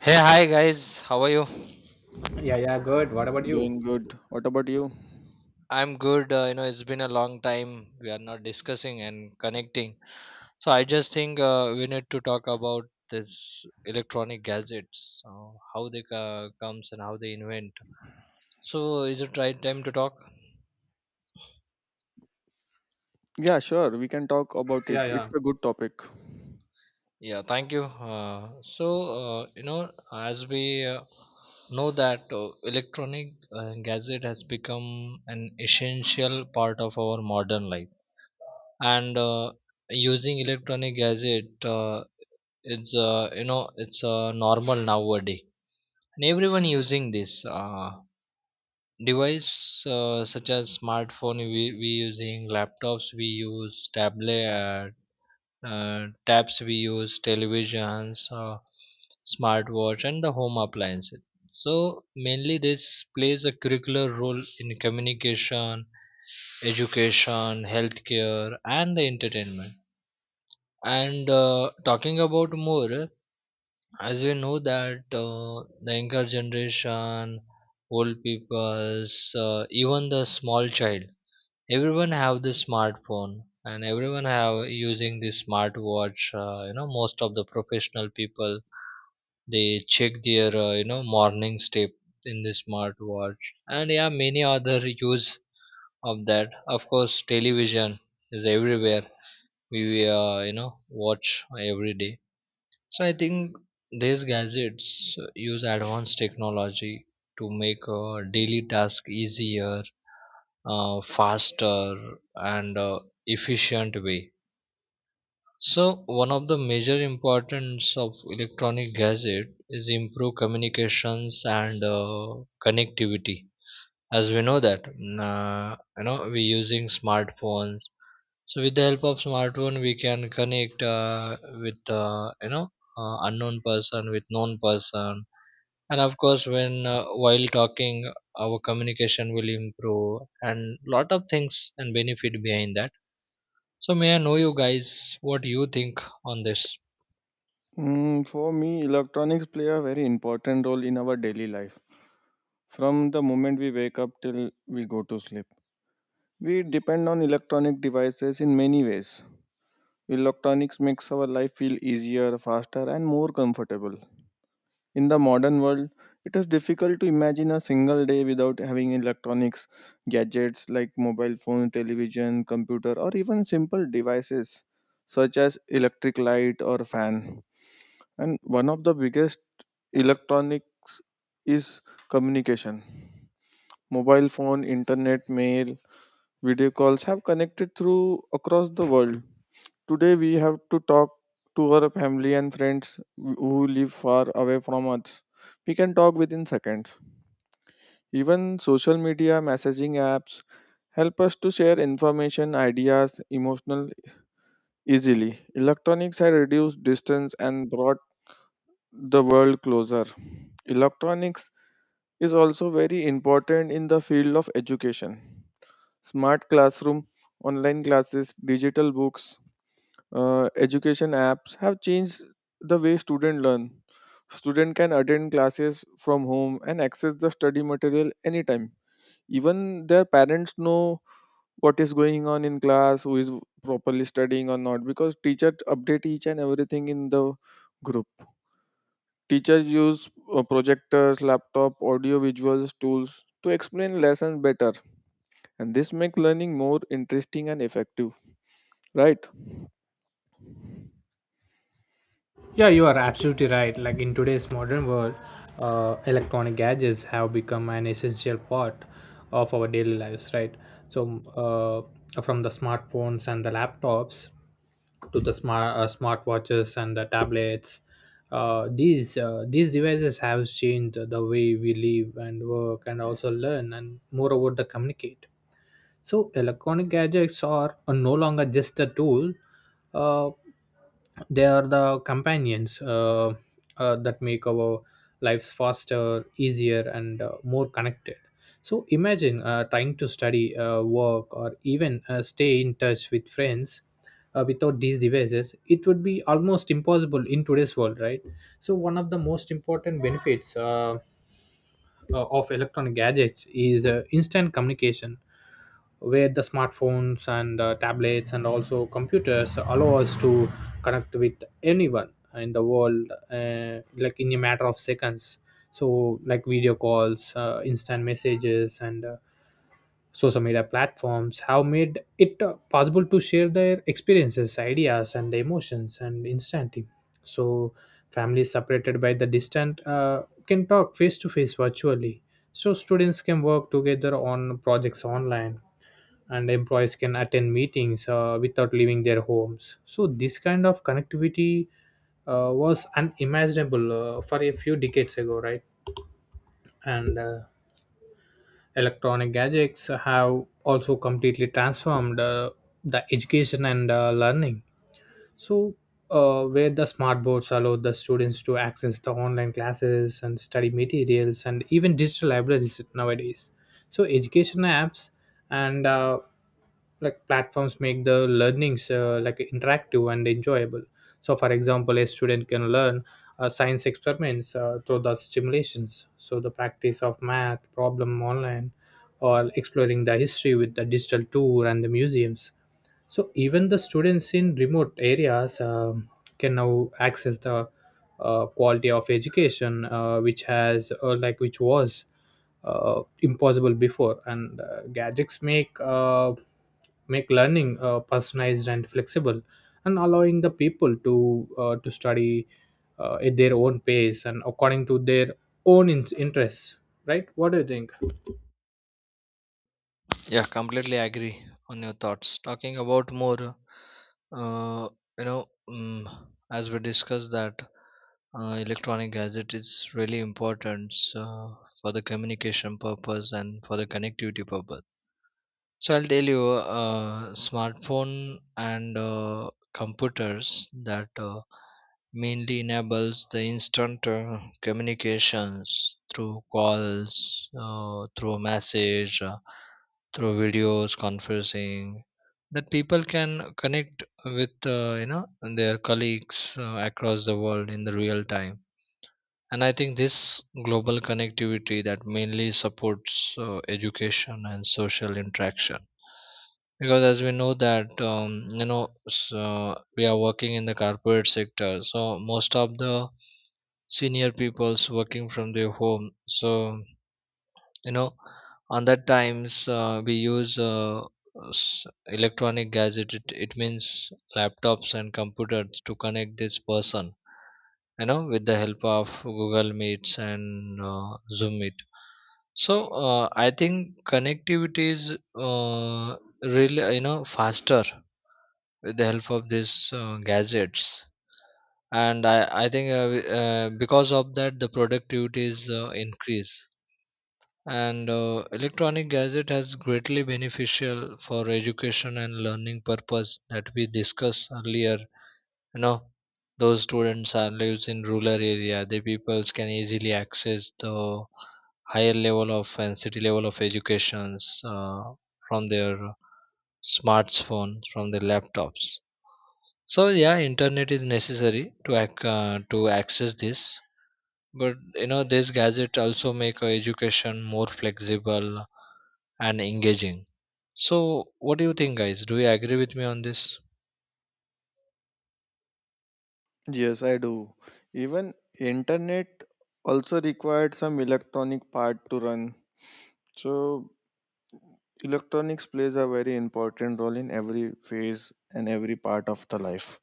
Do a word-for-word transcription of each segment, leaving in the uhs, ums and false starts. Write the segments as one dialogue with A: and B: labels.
A: Hey, hi guys, how are you?
B: Yeah, yeah, good. What about you?
C: Doing good. What about you?
A: I'm good. Uh, you know, it's been a long time we are not discussing and connecting. So I just think uh, we need to talk about this electronic gadgets, uh, how they uh, comes and how they invent. So is it right time to talk?
C: Yeah, sure. We can talk about
B: Yeah,
C: it.
B: yeah.
C: It's a good topic.
A: Yeah, thank you. Uh, so uh, you know, as we uh, know that uh, electronic uh, gadget has become an essential part of our modern life and uh, using electronic gadget uh, it's uh, you know it's uh, normal nowadays, and everyone using this uh, device uh, such as smartphone, we, we using laptops, we use tablet, uh, tabs, we use televisions, uh, smartwatch, and the home appliances. So mainly this plays a curricular role in communication, education, healthcare, and the entertainment. And uh, talking about more, as we know that uh, the younger generation, old peoples, uh, even the small child, everyone have the smartphone and everyone have using the smartwatch. Uh, you know, most of the professional people they check their uh, you know morning step in the smartwatch, and yeah, many other use of that. Of course, television is everywhere. We uh, you know watch every day. So I think these gadgets use advanced technology to make uh, daily task easier, uh, faster, and uh, efficient way. So one of the major importance of electronic gadget is improve communications and uh, connectivity. As we know that mm, uh, you know we using smartphones, so with the help of smartphone, we can connect uh, with uh, you know uh, unknown person with known person, and of course, when uh, while talking, our communication will improve, and lot of things and benefit behind that. So may I know you guys what you think on this?
C: Mm, for me, electronics play a very important role in our daily life. From the moment we wake up till we go to sleep, we depend on electronic devices in many ways. Electronics makes our life feel easier, faster, and more comfortable. In the modern world, it is difficult to imagine a single day without having electronics, gadgets like mobile phone, television, computer, or even simple devices such as electric light or fan. And one of the biggest electronics is communication. Mobile phone, internet, mail, video calls have connected through across the world. Today we have to talk to our family and friends who live far away from us. We can talk within seconds. Even social media messaging apps help us to share information, ideas, emotional easily. Electronics have reduced distance and brought the world closer. Electronics is also very important in the field of education. Smart classroom, online classes, digital books, uh, education apps have changed the way students learn. Students can attend classes from home and access the study material anytime. Even their parents know what is going on in class, who is properly studying or not, because teachers update each and everything in the group. Teachers use uh, projectors, laptop, audio visuals tools to explain lessons better, and this make learning more interesting and effective. Right?
B: Yeah, you are absolutely right. Like in today's modern world, uh, electronic gadgets have become an essential part of our daily lives, right? So, uh, from the smartphones and the laptops to the smart uh, smartwatches and the tablets, uh, these uh, these devices have changed the way we live and work and also learn and moreover the communicate. So electronic gadgets are, are no longer just a tool. Uh, they are the companions uh, uh, that make our lives faster easier and uh, more connected. So imagine uh, trying to study uh, work or even uh, stay in touch with friends uh, without these devices, it would be almost impossible in today's world, right? So one of the most important benefits uh, uh, of electronic gadgets is uh, instant communication, where the smartphones and uh, tablets and also computers allow us to connect with anyone in the world, uh, like in a matter of seconds. So like video calls, uh, instant messages and uh, social media platforms have made it uh, possible to share their experiences, ideas and emotions and instantly. So families separated by the distant uh, can talk face to face virtually. So students can work together on projects online and employees can attend meetings uh, without leaving their homes. So this kind of connectivity uh, was unimaginable uh, for a few decades ago, right? And uh, electronic gadgets have also completely transformed uh, the education and uh, learning. So, uh, where the smart boards allow the students to access the online classes and study materials and even digital libraries nowadays. So, education apps and uh, like platforms make the learnings uh, like interactive and enjoyable. So, for example, a student can learn uh, science experiments uh, through the stimulations. So, the practice of math problem online or exploring the history with the digital tour and the museums. So even the students in remote areas um, can now access the uh, quality of education, uh, which has or like which was uh, impossible before. And uh, gadgets make uh, make learning uh, personalized and flexible, and allowing the people to uh, to study uh, at their own pace and according to their own in- interests. Right? What do you think?
A: Yeah, completely agree on your thoughts. Talking about more, uh, you know, mm as we discussed that uh, electronic gadget is really important uh, for the communication purpose and for the connectivity purpose. So I'll tell you, uh, smartphone and uh, computers that uh, mainly enables the instant uh, communications through calls, uh, through a message, uh, through videos, conferencing, that people can connect with uh, you know their colleagues uh, across the world in the real time. And I think this global connectivity that mainly supports uh, education and social interaction, because as we know that um, you know s- uh, we are working in the corporate sector, so most of the senior people's working from their home. So you know on that times uh, we use uh, s- electronic gadget, it, it means laptops and computers to connect this person, you know, with the help of Google Meets and uh, Zoom Meet. So uh, I think connectivity is uh, really you know faster with the help of these uh, gadgets. And i i think uh, we- uh, because of that the productivity is uh, increase. And uh, electronic gadget has greatly beneficial for education and learning purpose that we discussed earlier. You know, those students are lives in rural area, the peoples can easily access the higher level of and city level of educations uh, from their smartphones, from their laptops. So yeah, internet is necessary to ac- uh, to access this, but you know this gadget also make our education more flexible and engaging. So, what do you think, guys? Do you agree with me on this?
C: Yes, I do. Even internet also required some electronic part to run. So electronics plays a very important role in every phase and every part of the life.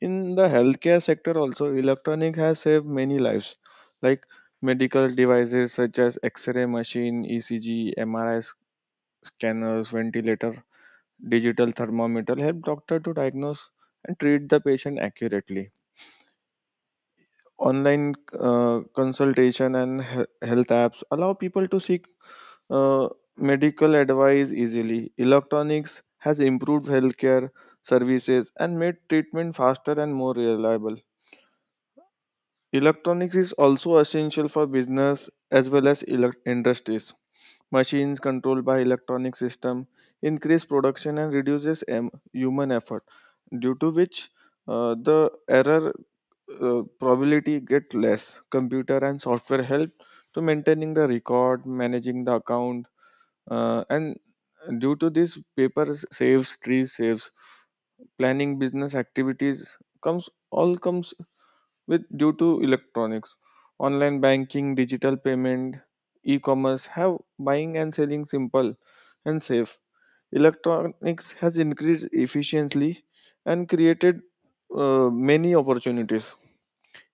C: In the healthcare sector also electronic has saved many lives, like medical devices such as x-ray machine, E C G, M R I scanners, ventilator, digital thermometer help doctor to diagnose and treat the patient accurately. Online uh, consultation and he- health apps allow people to seek uh, medical advice easily. Electronics has improved healthcare services and made treatment faster and more reliable. Electronics is also essential for business as well as elec- industries. Machines controlled by electronic system increase production and reduces em- human effort, due to which uh, the error uh, probability get less. Computer and software help to maintaining the record, managing the account, uh, and due to this, paper s- saves, tree saves, planning business activities comes all comes with due to electronics. Online banking, digital payment, e-commerce have buying and selling simple and safe. Electronics has increased efficiently and created uh, many opportunities.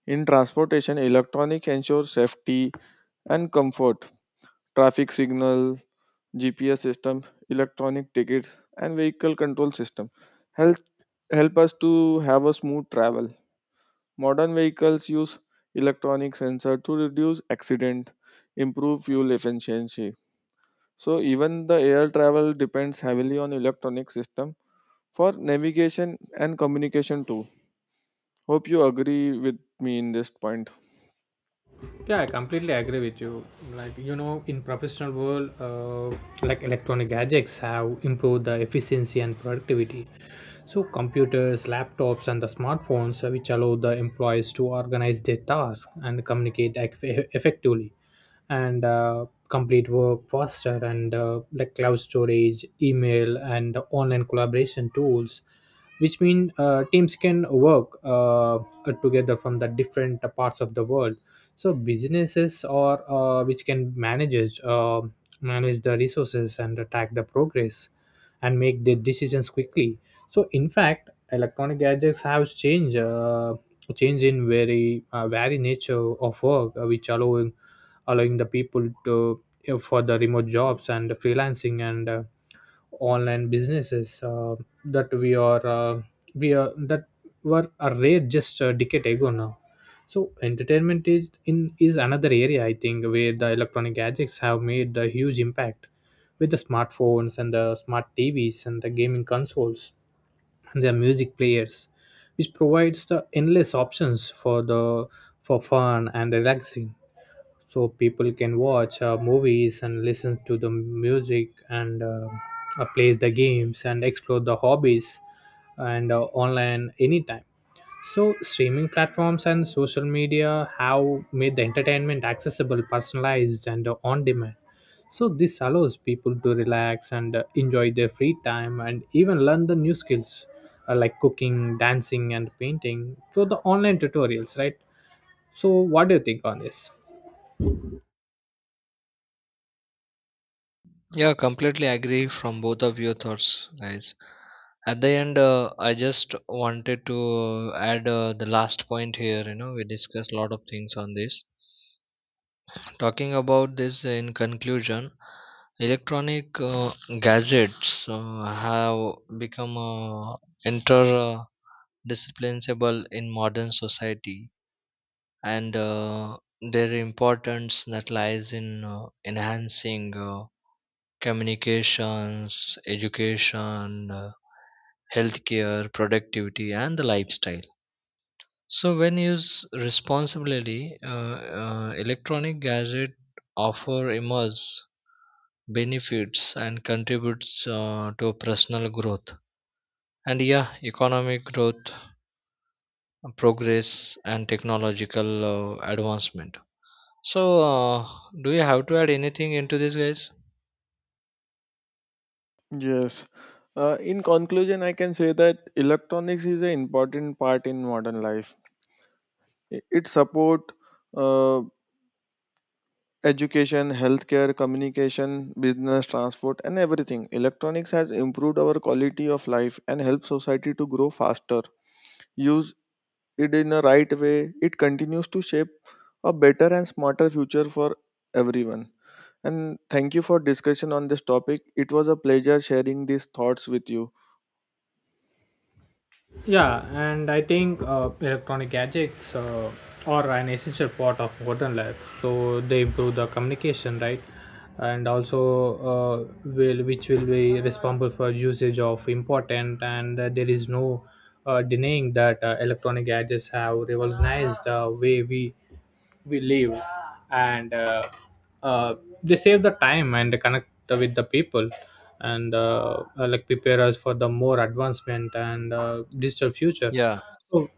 C: In transportation, electronic ensures safety and comfort. Traffic signal, G P S system, electronic tickets and vehicle control system help help us to have a smooth travel. Modern vehicles use electronic sensor to reduce accident, improve fuel efficiency. So even the air travel depends heavily on electronic system for navigation and communication too. Hope you agree with me in this point.
B: Yeah, I completely agree with you. Like, you know, in professional world, uh, like electronic gadgets have improved the efficiency and productivity. So computers, laptops and the smartphones, uh, which allow the employees to organize their tasks and communicate ec- effectively and uh, complete work faster. And uh, like cloud storage, email and online collaboration tools, which mean uh, teams can work uh, together from the different parts of the world. So businesses or uh, which can managers uh, manage the resources and track the progress and make their decisions quickly. So in fact electronic gadgets have changed uh, change in very uh, very nature of work, uh, which allowing allowing the people to uh, for the remote jobs and freelancing and uh, online businesses, uh, that we are uh, we are that were a rare just a decade ago now. So entertainment is in is another area, I think, where the electronic gadgets have made a huge impact. With the smartphones and the smart TVs and the gaming consoles and their music players, which provides the endless options for the for fun and relaxing. So people can watch uh, movies and listen to the music and uh, uh, play the games and explore the hobbies and uh, online anytime. So streaming platforms and social media have made the entertainment accessible, personalized and uh, on demand. So this allows people to relax and uh, enjoy their free time and even learn the new skills, uh, like cooking, dancing and painting through the online tutorials, right? So what do you think on this?
A: Yeah, completely agree from both of your thoughts, guys. At the end, uh, I just wanted to add uh, the last point here. You know, we discussed a lot of things on this. Talking about this in conclusion, electronic uh, gadgets uh, have become uh, interdisciplinable in modern society, and uh, their importance that lies in uh, enhancing uh, communications, education, uh, healthcare, productivity, and the lifestyle. So, when used responsibly, uh, uh, electronic gadget offer immense benefits and contributes uh, to personal growth and yeah, economic growth, progress, and technological uh, advancement. So, uh, do you have to add anything into this, guys?
C: Yes. Uh, in conclusion, I can say that electronics is an important part in modern life. I- It support uh, education, healthcare, communication, business, transport, and everything. Electronics has improved our quality of life and helped society to grow faster. Use it in a right way, it continues to shape a better and smarter future for everyone. And thank you for discussion on this topic. It was a pleasure sharing these thoughts with you.
B: Yeah, and I think uh, electronic gadgets uh, are an essential part of modern life. So they improve the communication, right? And also, uh, will which will be responsible for usage of important. And uh, there is no uh, denying that uh, electronic gadgets have revolutionized the way we we live, and uh, uh, they save the time and connect with the people and uh, uh, like prepare us for the more advancement and uh, digital future.
A: Yeah.
B: So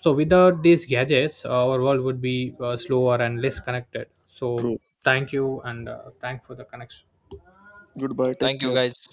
B: so without these gadgets our world would be uh, slower and less connected. So
C: True.
B: thank you, and uh, thank for the connection.
C: Goodbye. Take
A: Thank you,
C: care.
A: guys.